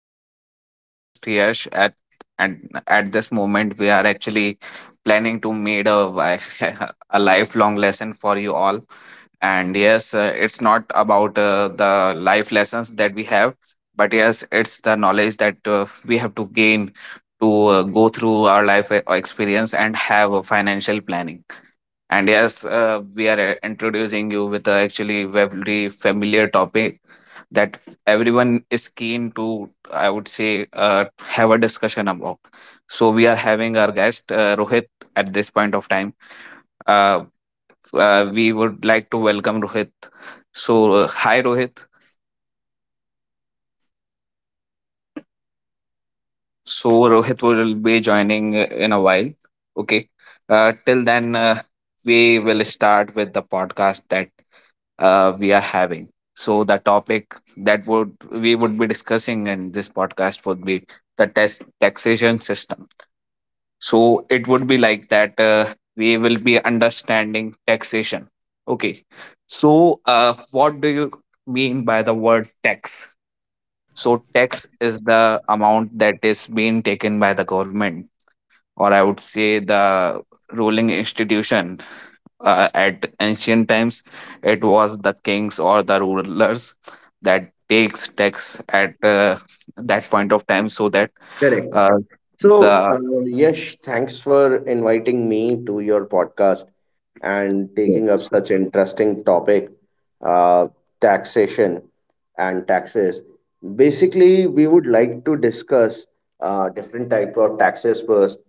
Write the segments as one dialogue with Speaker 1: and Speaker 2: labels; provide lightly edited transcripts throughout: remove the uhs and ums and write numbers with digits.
Speaker 1: uh, I'm your host Yash. At and at this moment, we are actually planning to made a vi- a lifelong lesson for you all. And yes, it's not about the life lessons that we have, but yes, it's the knowledge that we have to gain to go through our experience and have a financial planning. And yes, we are introducing you with a actually very familiar topic that everyone is keen to, I would say, have a discussion about. So we are having our guest Rohit at this point of time. Uh, we would like to welcome Rohit. So hi Rohit. So Rohit will be joining in a while. Okay. Till then, we will start with the podcast that we are having. So the topic that would we would be discussing in this podcast would be the test taxation system. So it would be like that we will be understanding taxation. Okay. So what do you mean by the word tax? So tax is the amount that is being taken by the government, or I would say the ruling institution, at ancient times it was the kings or the rulers that takes tax at that point of time, so that
Speaker 2: Correct.
Speaker 1: uh,
Speaker 2: So,
Speaker 1: the
Speaker 2: Yash, thanks for inviting me to your podcast and taking up
Speaker 1: yes.
Speaker 2: such interesting topic, uh, taxation and taxes. Basically, we would like to discuss different type of taxes first.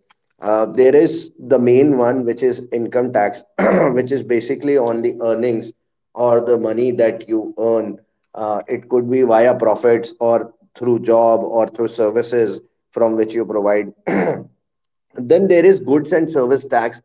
Speaker 2: There is the main one, which is income tax, which is basically on the earnings or the money that you earn. It could be via profits or through job or through services from which you provide. Then there is goods and service tax,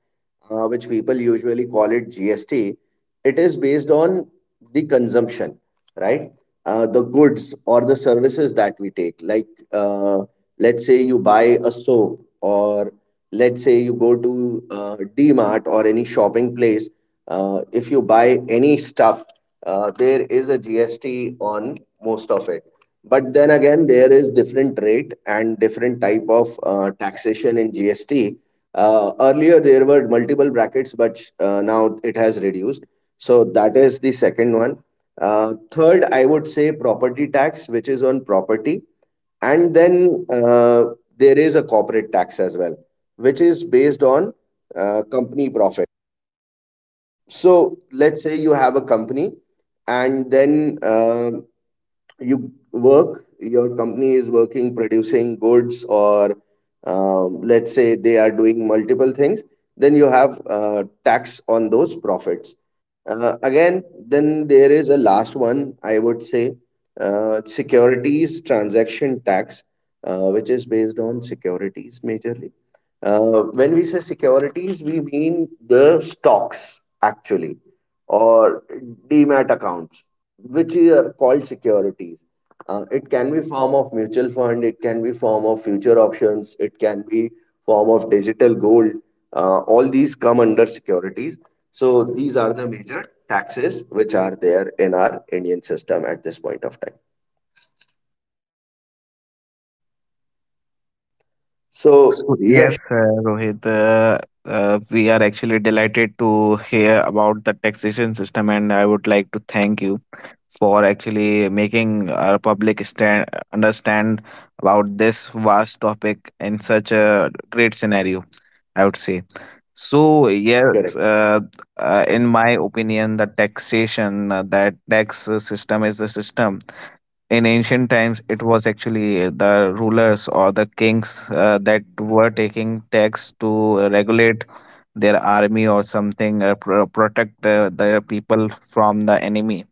Speaker 2: which people usually call it GST. It is based on the consumption, right? The goods or the services that we take. Like, uh, let's say you buy a soap, or let's say you go to Mart or any shopping place. If you buy any stuff, there is a GST on most of it. But then again, there is different rate and different type of taxation in GST. Earlier, there were multiple brackets, but now it has reduced. So that is the second one. Third, I would say property tax, which is on property. And then there is a corporate tax as well, which is based on company profit. So let's say you have a company and then your company is working, producing goods, or let's say they are doing multiple things, then you have tax on those profits. Again, then there is a last one, I would say, securities transaction tax, which is based on securities majorly. When we say securities, we mean the stocks, actually, or demat accounts, which are called securities. It can be form of mutual fund, it can be form of future options, it can be form of digital gold. All these come under securities. So these are the major taxes which are there in our Indian system at this point of time.
Speaker 1: so
Speaker 2: So
Speaker 1: yes
Speaker 2: yes,
Speaker 1: uh, rohit uh, uh, we are actually delighted to hear about the taxation system, and I would like to thank you for actually making our public stand understand about this vast topic in such a great scenario, I would say. So
Speaker 2: correct,
Speaker 1: yes, in my opinion, the taxation, that tax system is the system. In ancient times, it was actually the rulers or the kings that were taking tax to regulate their army or something, protect their people from the enemy.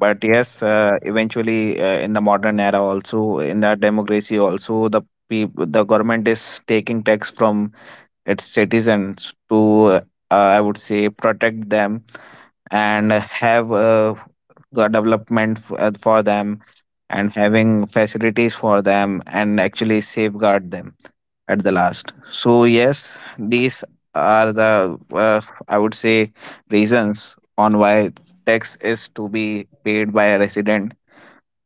Speaker 1: But yes, eventually in the modern era, also in the democracy, also the the government is taking tax from its citizens to uh, , I would say, protect them and have a development for them, and having facilities for them, and actually safeguard them at the last. So yes, these are the, uh, I would say, reasons on why tax is to be paid by a resident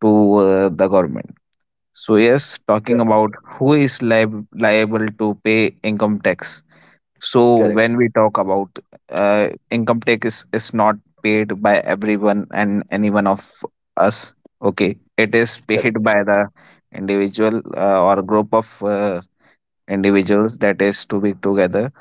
Speaker 1: to the government. So yes,
Speaker 2: correct,
Speaker 1: talking about who is liable to pay income tax, so
Speaker 2: correct.
Speaker 1: when we talk about income tax, is not paid by everyone and any one of us. Okay, it is paid by the individual or group of individuals that is to be together.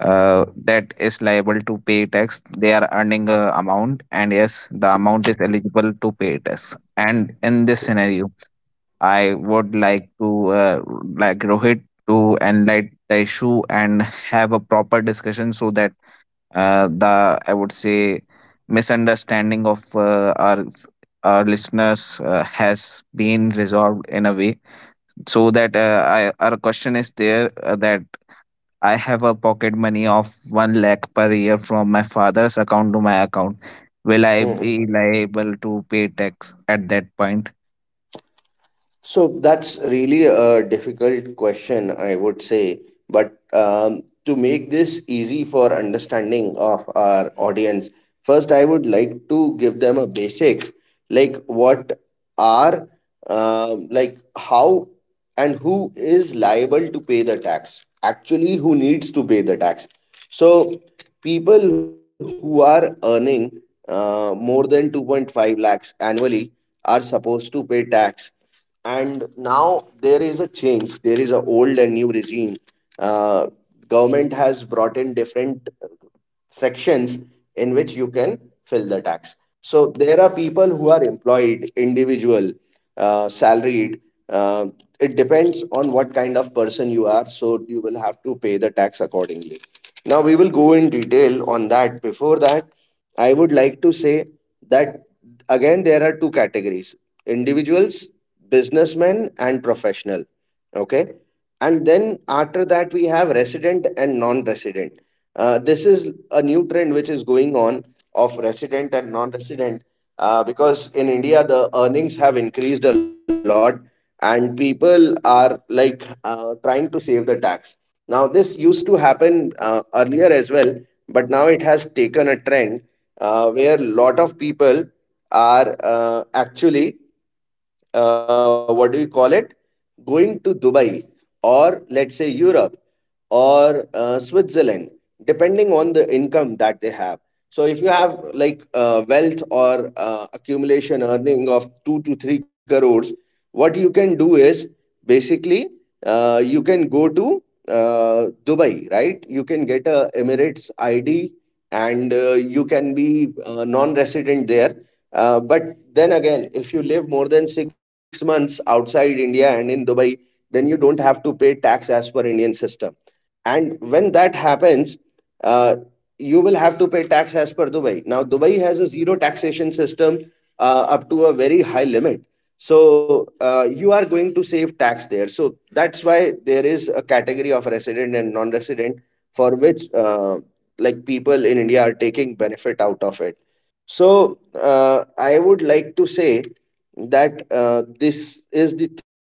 Speaker 1: That is liable to pay tax. They are earning a amount, and yes, the amount is eligible to pay tax. And in this scenario, I would like to like Rohit to enlighten the issue and have a proper discussion so that the I would say misunderstanding of our listeners has been resolved in a way. So that our question is there that I have a pocket money of 1 lakh per year from my father's account to my account. Will I
Speaker 2: Correct.
Speaker 1: be liable to pay tax at that point?
Speaker 2: So that's really a difficult question, I would say. But to make this easy for understanding of our audience, first I would like to give them a basics, like what are like how and who is liable to pay the tax, actually who needs to pay the tax. So people who are earning more than 2.5 lakhs annually are supposed to pay tax. And now there is a change, there is a old and new regime. uh, Government has brought in different sections in which you can fill the tax. So there are people who are employed, individual, salaried. Uh, it depends on what kind of person you are. So you will have to pay the tax accordingly. Now we will go in detail on that. Before that, I would like to say that again there are two categories: individuals, businessmen, and professional, okay, and then after that we have resident and non-resident. This is a new trend which is going on, of resident and non-resident, because in India the earnings have increased a lot and people are like trying to save the tax. Now, this used to happen earlier as well, but now it has taken a trend where a lot of people are actually, what do you call it, going to Dubai or let's say Europe or Switzerland, depending on the income that they have. So, if you have like wealth or accumulation earning of 2 to 3 crores, what you can do is basically you can go to Dubai, right? You can get a Emirates ID and you can be non-resident there. But then again, if you live more than 6 months outside India and in Dubai, then you don't have to pay tax as per Indian system. And when that happens, uh, you will have to pay tax as per Dubai. Now Dubai has a zero taxation system up to a very high limit. So you are going to save tax there. So that's why there is a category of resident and non-resident, for which like people in India are taking benefit out of it. So I would like to say that this is the third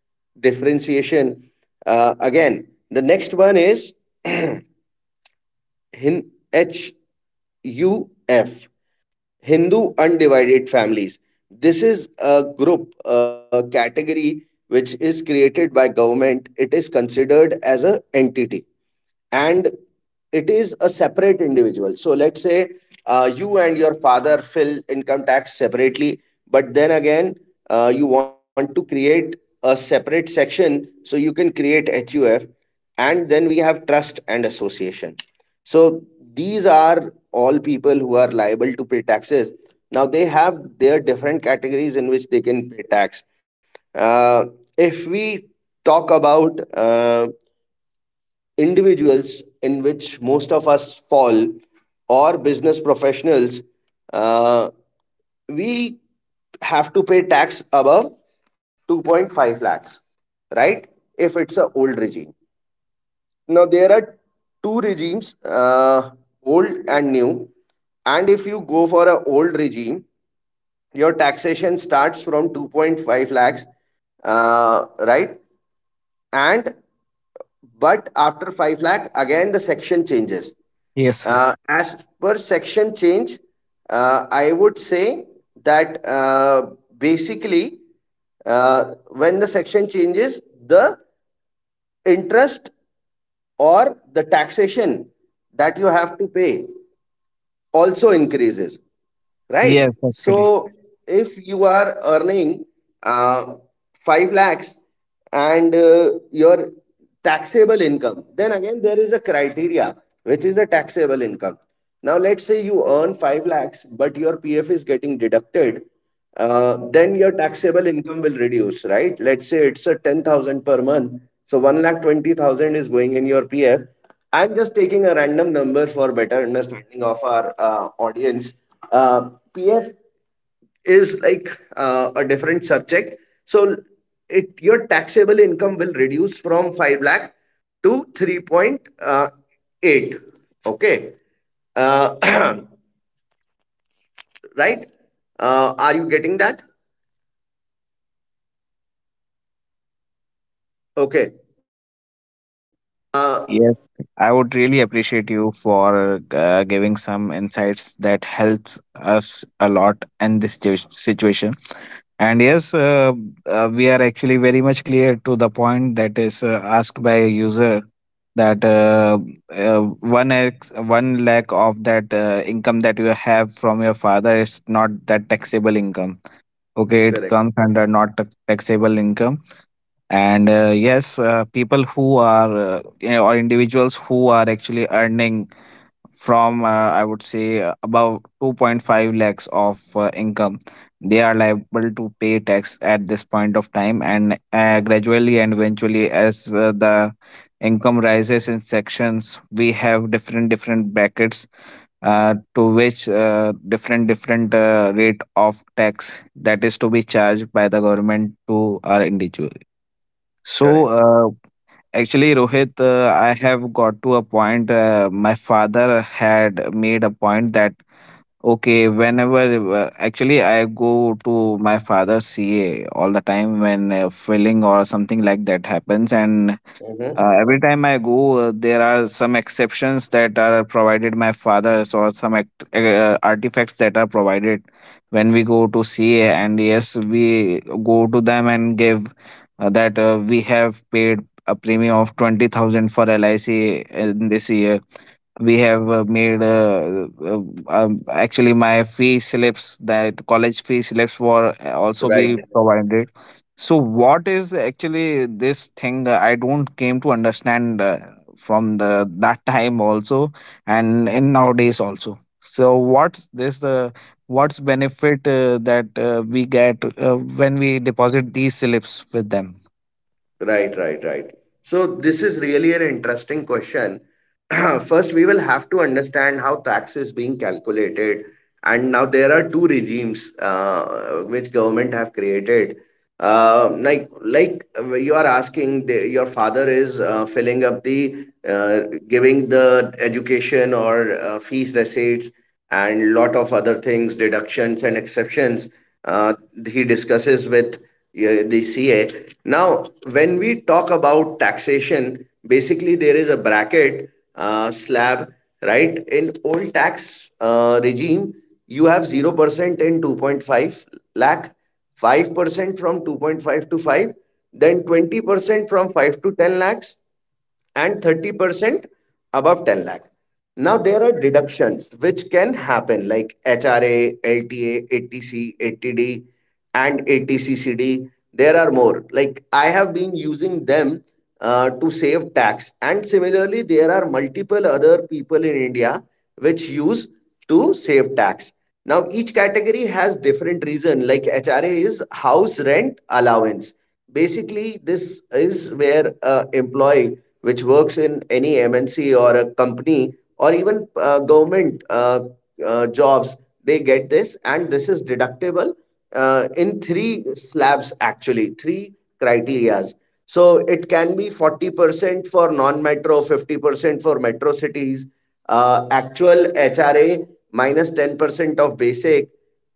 Speaker 2: differentiation. Again, the next one is Hin- HUF, Hindu Undivided Families. This is a group, a category which is created by government. It is considered as a entity and it is a separate individual. So let's say you and your father fill income tax separately, but then again, you want to create a separate section, so you can create HUF, and then we have trust and association. So these are all people who are liable to pay taxes. Now they have their different categories in which they can pay tax. Uh, if we talk about individuals, in which most of us fall, or business professionals, uh, we have to pay tax above 2.5 lakhs, right? If it's a old regime. Now, there are two regimes, old and new. And if you go for an old regime, your taxation starts from 2.5 lakhs, right? And But after 5 lakh, again the section changes.
Speaker 1: Yes, sir.
Speaker 2: As per section change, I would say that basically when the section changes, the interest or the taxation that you have to pay also increases, right?
Speaker 1: Yes, actually.
Speaker 2: So if you are earning uh, 5 lakhs and your taxable income, then again there is a criteria which is the taxable income. Now let's say you earn 5 lakhs but your pf is getting deducted. Then your taxable income will reduce, right? Let's say it's a 10,000 per month. So 1,20,000 is going in your PF. I'm just taking a random number for better understanding of our audience. PF is like a different subject. So it your taxable income will reduce from 5 lakh to 3.8. Okay. Uh, right? Are you getting that? Okay. Uh,
Speaker 1: Yes, I would really appreciate you for giving some insights that helps us a lot in this situation. And yes, we are actually very much clear to the point that is asked by a user that uh, 1 lakh of that income that you have from your father is not that taxable income. Okay, it
Speaker 2: correct.
Speaker 1: comes under not taxable income. And yes, people who are, or individuals who are actually earning from, I would say, above 2.5 lakhs of income, they are liable to pay tax at this point of time. And gradually and eventually, as the income rises in sections, we have different different brackets to which different different rate of tax that is to be charged by the government to our individual. so,
Speaker 2: Correct.
Speaker 1: uh, actually, Rohit, I have got to a point. My father had made a point that, okay, whenever, actually, I go to my father's CA all the time when filling or something like that happens. And
Speaker 2: Mhm.
Speaker 1: every time I go, there are some exceptions that are provided my father's, or some artifacts that are provided when we go to CA. And yes, we go to them and give that we have paid a premium of 20,000 for LIC in this year. We have made actually my fee slips, that college fee slips were also
Speaker 2: Right.
Speaker 1: be provided. So what is actually this thing? I don't came to understand from the that time also and in nowadays also. So what's benefit that we get when we deposit these slips with them?
Speaker 2: Right, right, right. So this is really an interesting question. First, we will have to understand how tax is being calculated. And now there are two regimes which government have created. Like you are asking, your father is filling up the uh, giving the education or fees receipts and lot of other things, deductions and exceptions. Uh, he discusses with the CA. Now, when we talk about taxation, basically there is a bracket, slab, right? In old tax regime, you have 0% in 2.5 lakh, 5% from 2.5 to 5, then 20% from 5 to 10 lakhs, and 30% above 10 lakh. Now there are deductions which can happen like HRA, LTA, ATC, ATD, and ATCCD. There are more. Like I have been using them to save tax, and similarly, there are multiple other people in India which use to save tax. Now each category has different reason. Like HRA is house rent allowance. Basically this is where employee which works in any MNC or a company or even government jobs, they get this, and this is deductible in three slabs, actually, three criterias. So it can be 40% for non metro, 50% for metro cities, actual HRA 10% of basic.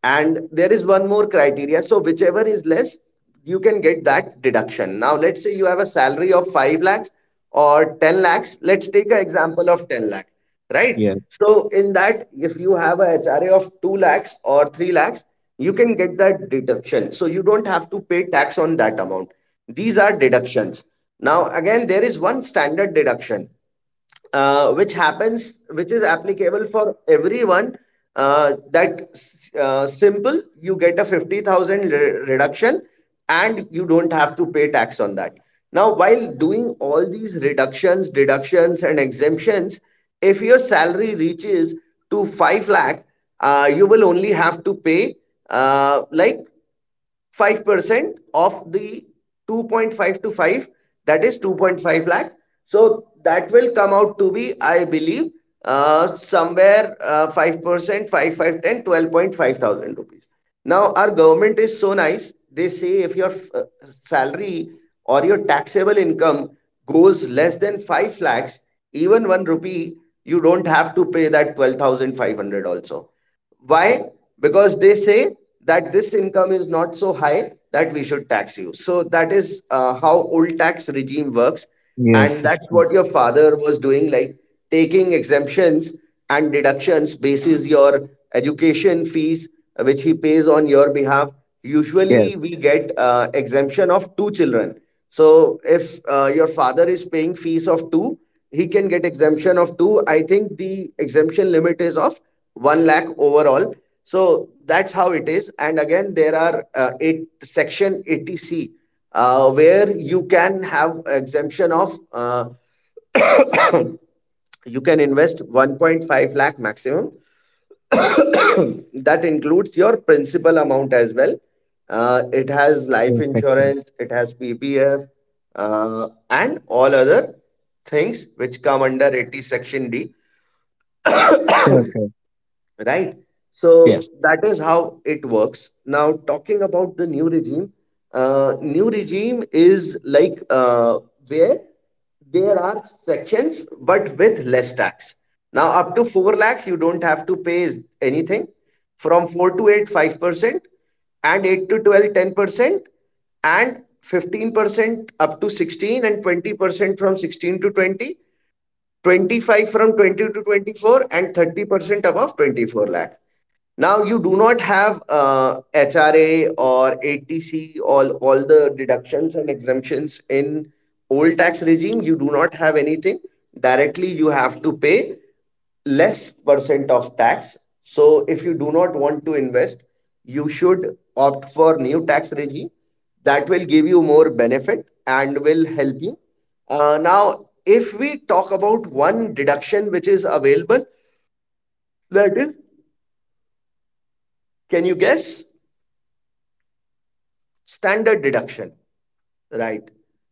Speaker 2: And there is one more criteria. So whichever is less, you can get that deduction. Now, let's say you have a salary of 5 lakhs or 10 lakhs, let's take an example of 10 lakh, right?
Speaker 1: Yes.
Speaker 2: So in that, if you have a hra of 2 lakhs or 3 lakhs, you can get that deduction, so you don't have to pay tax on that amount. These are deductions. Now again there is one standard deduction which happens, which is applicable for everyone, that simple, you get a 50,000 reduction and you don't have to pay tax on that. Now while doing all these reductions, deductions and exemptions, if your salary reaches to 5 lakh, you will only have to pay like 5% of the 2.5 to 5, that is 2.5 lakh. So that will come out to be, I believe, somewhere 5%, 5, five, ten, 12,500 rupees. Now our government is so nice, they say if your salary or your taxable income goes less than 5 lakhs, even 1 rupee, you don't have to pay that 12,500 also. Why? Because they say that this income is not so high that we should tax you. So that is how old tax regime works. And
Speaker 1: yes
Speaker 2: that's
Speaker 1: actually.
Speaker 2: what your father was doing, like taking exemptions and deductions basis your education fees, which he pays on your behalf.
Speaker 1: yes
Speaker 2: Usually we get exemption of two children. So if your father is paying fees of two, he can get exemption of two. I think the exemption limit is of one lakh overall. So that's how it is. And again, there are eight section 80C where you can have exemption of you can invest 1.5 lakh maximum. That includes your principal amount as well. It has life
Speaker 1: yes actually.
Speaker 2: insurance, it has PPF, and all other things which come under 80 section D,
Speaker 1: yes
Speaker 2: right? So
Speaker 1: yes
Speaker 2: that is how it works. Now, talking about the new regime is like, where there are sections but with less tax. Now, up to 4 lakhs, you don't have to pay anything. From 4 to 8, 5%, and 8 to 12, 10%, and 15% up to 16, and 20% from 16 to 20, 25 from 20 to 24, and 30% above 24 lakh. Now you do not have HRA or ATC, all the deductions and exemptions in old tax regime. You do not have anything. Directly, you have to pay less percent of tax. So if you do not want to invest, you should opt for new tax regime that will give you more benefit and will help you. Now, if we talk about one deduction which is available, that is, can you guess? Standard deduction, right?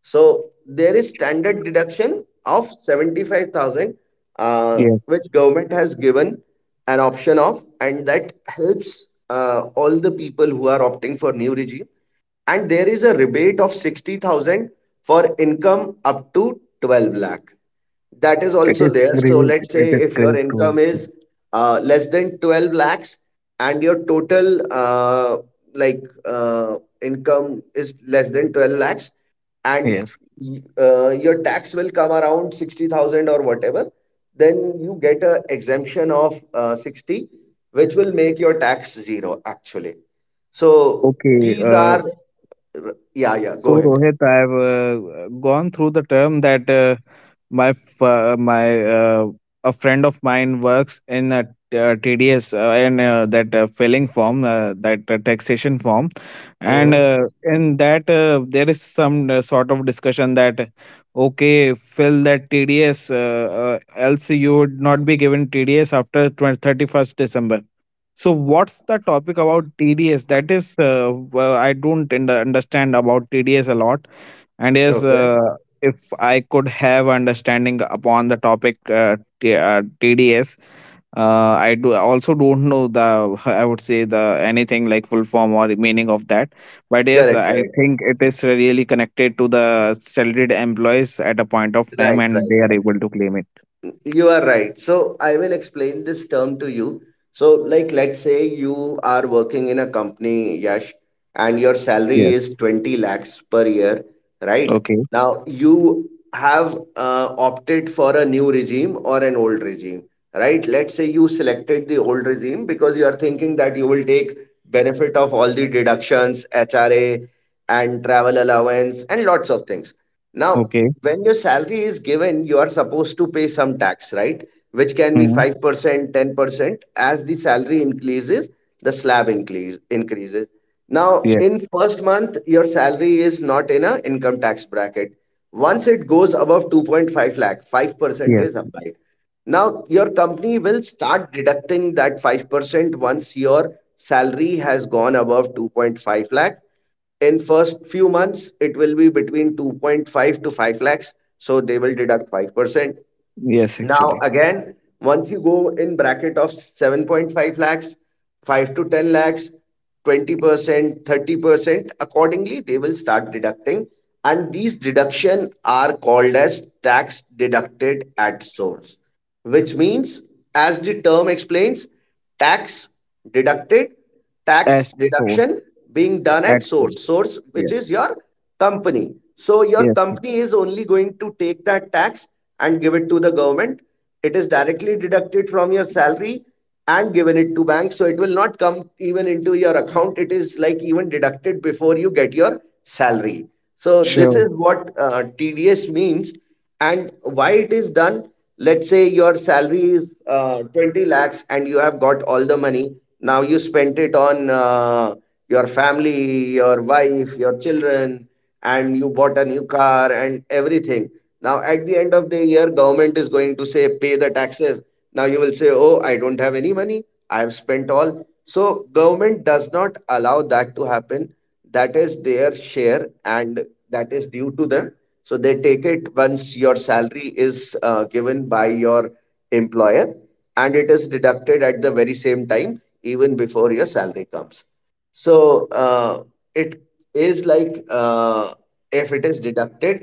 Speaker 2: So there is standard deduction of 75,000, uh,
Speaker 1: yes
Speaker 2: which government has given an option of, and that helps all the people who are opting for new regime. And there is a rebate of 60,000 for income up to 12 lakh. That is
Speaker 1: It
Speaker 2: also
Speaker 1: is
Speaker 2: there. So
Speaker 1: great.
Speaker 2: let's
Speaker 1: It
Speaker 2: say
Speaker 1: is
Speaker 2: if your
Speaker 1: great to.
Speaker 2: income is less than 12 lakhs, and your total, like uh, income is less than 12 lakhs, and
Speaker 1: Yes.
Speaker 2: your tax will come around 60,000 or whatever, then you get an exemption of 60, which will make your tax zero, actually. So
Speaker 1: Okay,
Speaker 2: these are— yeah, yeah, go
Speaker 1: so
Speaker 2: ahead.
Speaker 1: Rohit, I've gone through the term that, my f- my a friend of mine works in a, TDS in that filing form, that taxation form, and
Speaker 2: Mhm.
Speaker 1: in that there is some sort of discussion that okay, fill that TDS, else you would not be given TDS after 20, 31st December. So what's the topic about TDS? That is, well, I don't understand about TDS a lot. And yes,
Speaker 2: Okay.
Speaker 1: if I could have understanding upon the topic, TDS, I do also don't know the I would say the anything like full form or meaning of that. But yes,
Speaker 2: Correct,
Speaker 1: I
Speaker 2: correct.
Speaker 1: think it is really connected to the salaried employees at a point of time,
Speaker 2: Right,
Speaker 1: and
Speaker 2: right.
Speaker 1: they are able to claim it.
Speaker 2: You are right. So I will explain this term to you. So, like, let's say you are working in a company, Yash, and your salary
Speaker 1: Yes.
Speaker 2: is 20 lakhs per year, right?
Speaker 1: Okay.
Speaker 2: Now, you have opted for a new regime or an old regime, right? Let's say you selected the old regime because you are thinking that you will take benefit of all the deductions, HRA, and travel allowance, and lots of things. Now,
Speaker 1: Okay.
Speaker 2: when your salary is given, you are supposed to pay some tax, right? Which can be
Speaker 1: Hmm.
Speaker 2: 5%, 10%. As the salary increases, the slab increases. Now,
Speaker 1: Yeah.
Speaker 2: in first month, your salary is not in a income tax bracket. Once it goes above 2.5 lakh, 5%
Speaker 1: Yeah.
Speaker 2: is applied. Now, your company will start deducting that 5% once your salary has gone above 2.5 lakh. In first few months, it will be between 2.5 to 5 lakhs. So they will deduct 5%.
Speaker 1: Yes,
Speaker 2: Now,
Speaker 1: actually.
Speaker 2: again, once you go in bracket of 7.5 lakhs, 5 to 10 lakhs, 20%, 30%, accordingly, they will start deducting. And these deduction are called as tax deducted at source, which means, as the term explains, tax deducted tax
Speaker 1: As source,
Speaker 2: deduction being done
Speaker 1: at
Speaker 2: at
Speaker 1: source.
Speaker 2: source, which
Speaker 1: Yeah.
Speaker 2: is your company. So your
Speaker 1: Yes, yes.
Speaker 2: company is only going to take that tax and give it to the government. It is directly deducted from your salary and given it to bank, so it will not come even into your account. It is like even deducted before you get your salary. So this
Speaker 1: Sure.
Speaker 2: is what TDS means. And why it is done: let's say your salary is 20 lakhs and you have got all the money. Now you spent it on your family, your wife, your children, and you bought a new car and everything. Now at the end of the year, government is going to say pay the taxes. Now you will say, oh, I don't have any money. I have spent all. So government does not allow that to happen. That is their share, and that is due to them. So they take it once your salary is given by your employer, and it is deducted at the very same time, even before your salary comes. So, it is like, if it is deducted,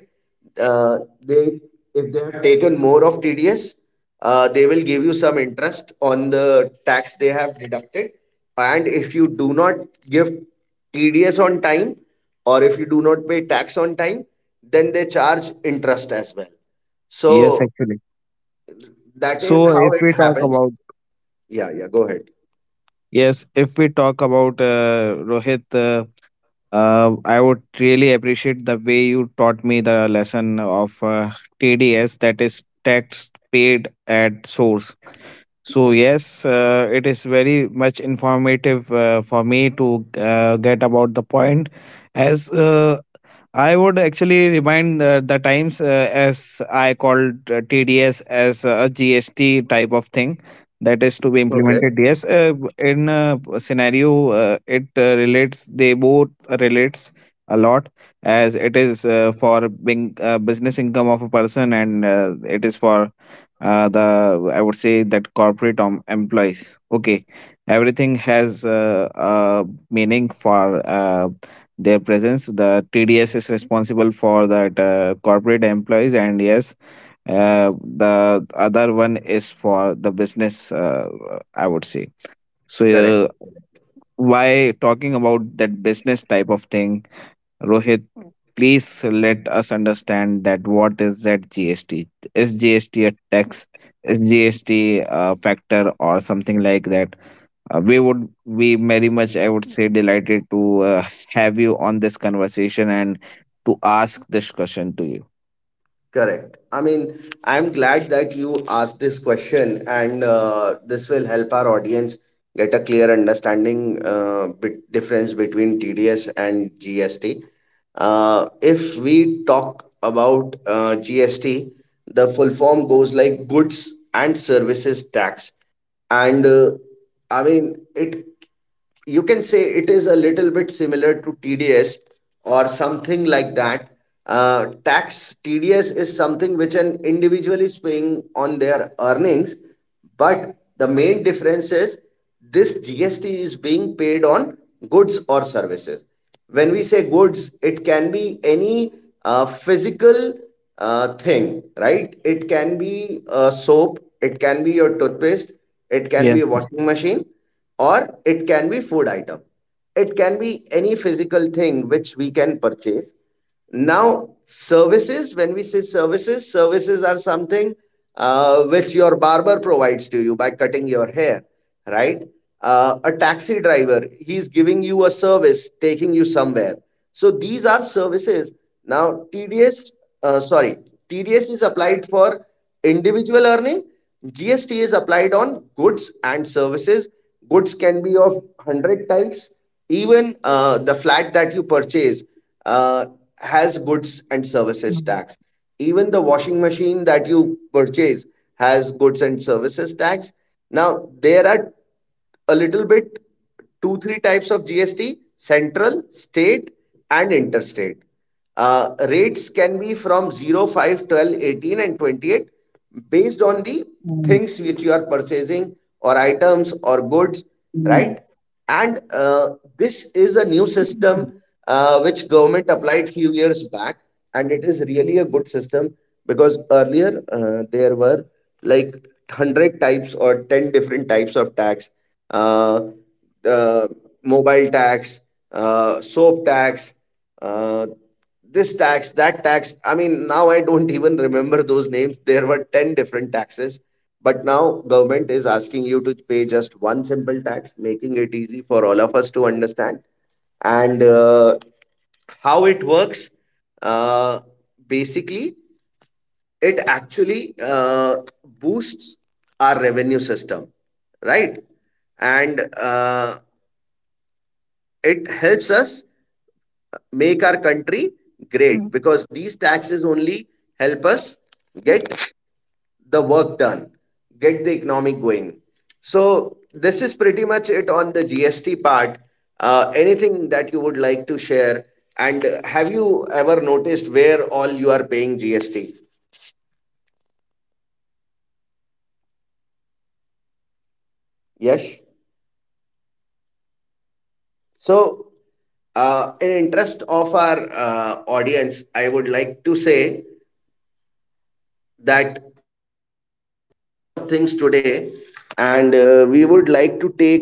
Speaker 2: uh, they if they have taken more of TDS, they will give you some interest on the tax they have deducted. And if you do not give TDS on time, or if you do not pay tax on time, then they charge interest as well.
Speaker 1: Yes,
Speaker 2: So
Speaker 1: actually.
Speaker 2: that is
Speaker 1: So
Speaker 2: how
Speaker 1: if
Speaker 2: it
Speaker 1: we talk
Speaker 2: happens.
Speaker 1: about,
Speaker 2: Yeah, yeah, go ahead.
Speaker 1: yes, if we talk about, Rohit, I would really appreciate the way you taught me the lesson of TDS, that is tax paid at source. So yes, it is very much informative for me to get about the point, as I would actually remind the times as I called TDS as a GST type of thing that is
Speaker 2: Okay.
Speaker 1: to be implemented. Yes, in a scenario, it relates, they both relates a lot, as it is for being business income of a person, and it is for the I would say that corporate employees. Okay, everything has meaning for their presence. The TDS is responsible for that corporate employees, and yes, uh, the other one is for the business. I would say
Speaker 2: Correct.
Speaker 1: so. Why talking about that business type of thing, Rohit, please let us understand that what is that GST? Is GST tax? Is GST factor or something like that? We would be very much, I would say, delighted to have you on this conversation and to ask this question to you.
Speaker 2: Correct. I mean, I'm glad that you asked this question, and this will help our audience get a clear understanding, bit difference between TDS and GST. If we talk about GST, the full form goes like goods and services tax. And, I mean, it you can say it is a little bit similar to TDS or something like that. Tax TDS is something which an individual is paying on their earnings, but the main difference is, this GST is being paid on goods or services. When we say goods, it can be any physical thing, right? It can be soap, it can be your toothpaste, it can
Speaker 1: Yes.
Speaker 2: be washing machine, or it can be food item. It can be any physical thing which we can purchase. Now, services— when we say services, services are something which your barber provides to you by cutting your hair, right? A taxi driver, he's giving you a service, taking you somewhere. So these are services. Now, TDS— sorry, TDS is applied for individual earning. GST is applied on goods and services. Goods can be of 100 types. Even the flat that you purchase, uh, has goods and services tax. Even the washing machine that you purchase has goods and services tax. Now, there are a little bit two, three types of GST: central, state, and interstate. Rates can be from 0, 5, 12, 18 and 28 based on the things which you are purchasing, or items, or goods, right? And this is a new system, which government applied few years back, and it is really a good system, because earlier there were like hundred types or 10 different types of tax: uh, uh, mobile tax, soap tax, uh, this tax, that tax. I mean, now I don't even remember those names. There were 10 different taxes. But now government is asking you to pay just one simple tax, making it easy for all of us to understand. And how it works, uh, basically, it actually boosts our revenue system, right, and it helps us make our country great, because these taxes only help us get the work done, get the economy going. So this is pretty much it on the GST part. Anything that you would like to share? And have you ever noticed where all you are paying GST? Yes. So, in interest of our audience, I would like to say that things today, and we would like to take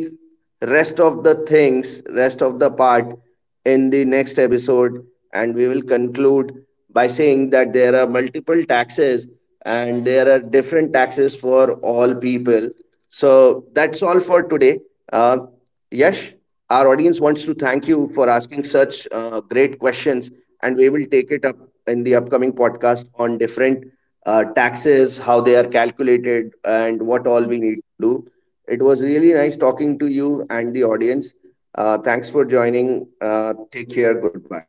Speaker 2: rest of the part in the next episode, and we will conclude by saying that there are multiple taxes and there are different taxes for all people. So that's all for today. uh, Yash, our audience wants to thank you for asking such great questions, and we will take it up in the upcoming podcast on different taxes, how they are calculated, and what all we need to do. It was really nice talking to you and the audience. Thanks for joining. Take care. Goodbye.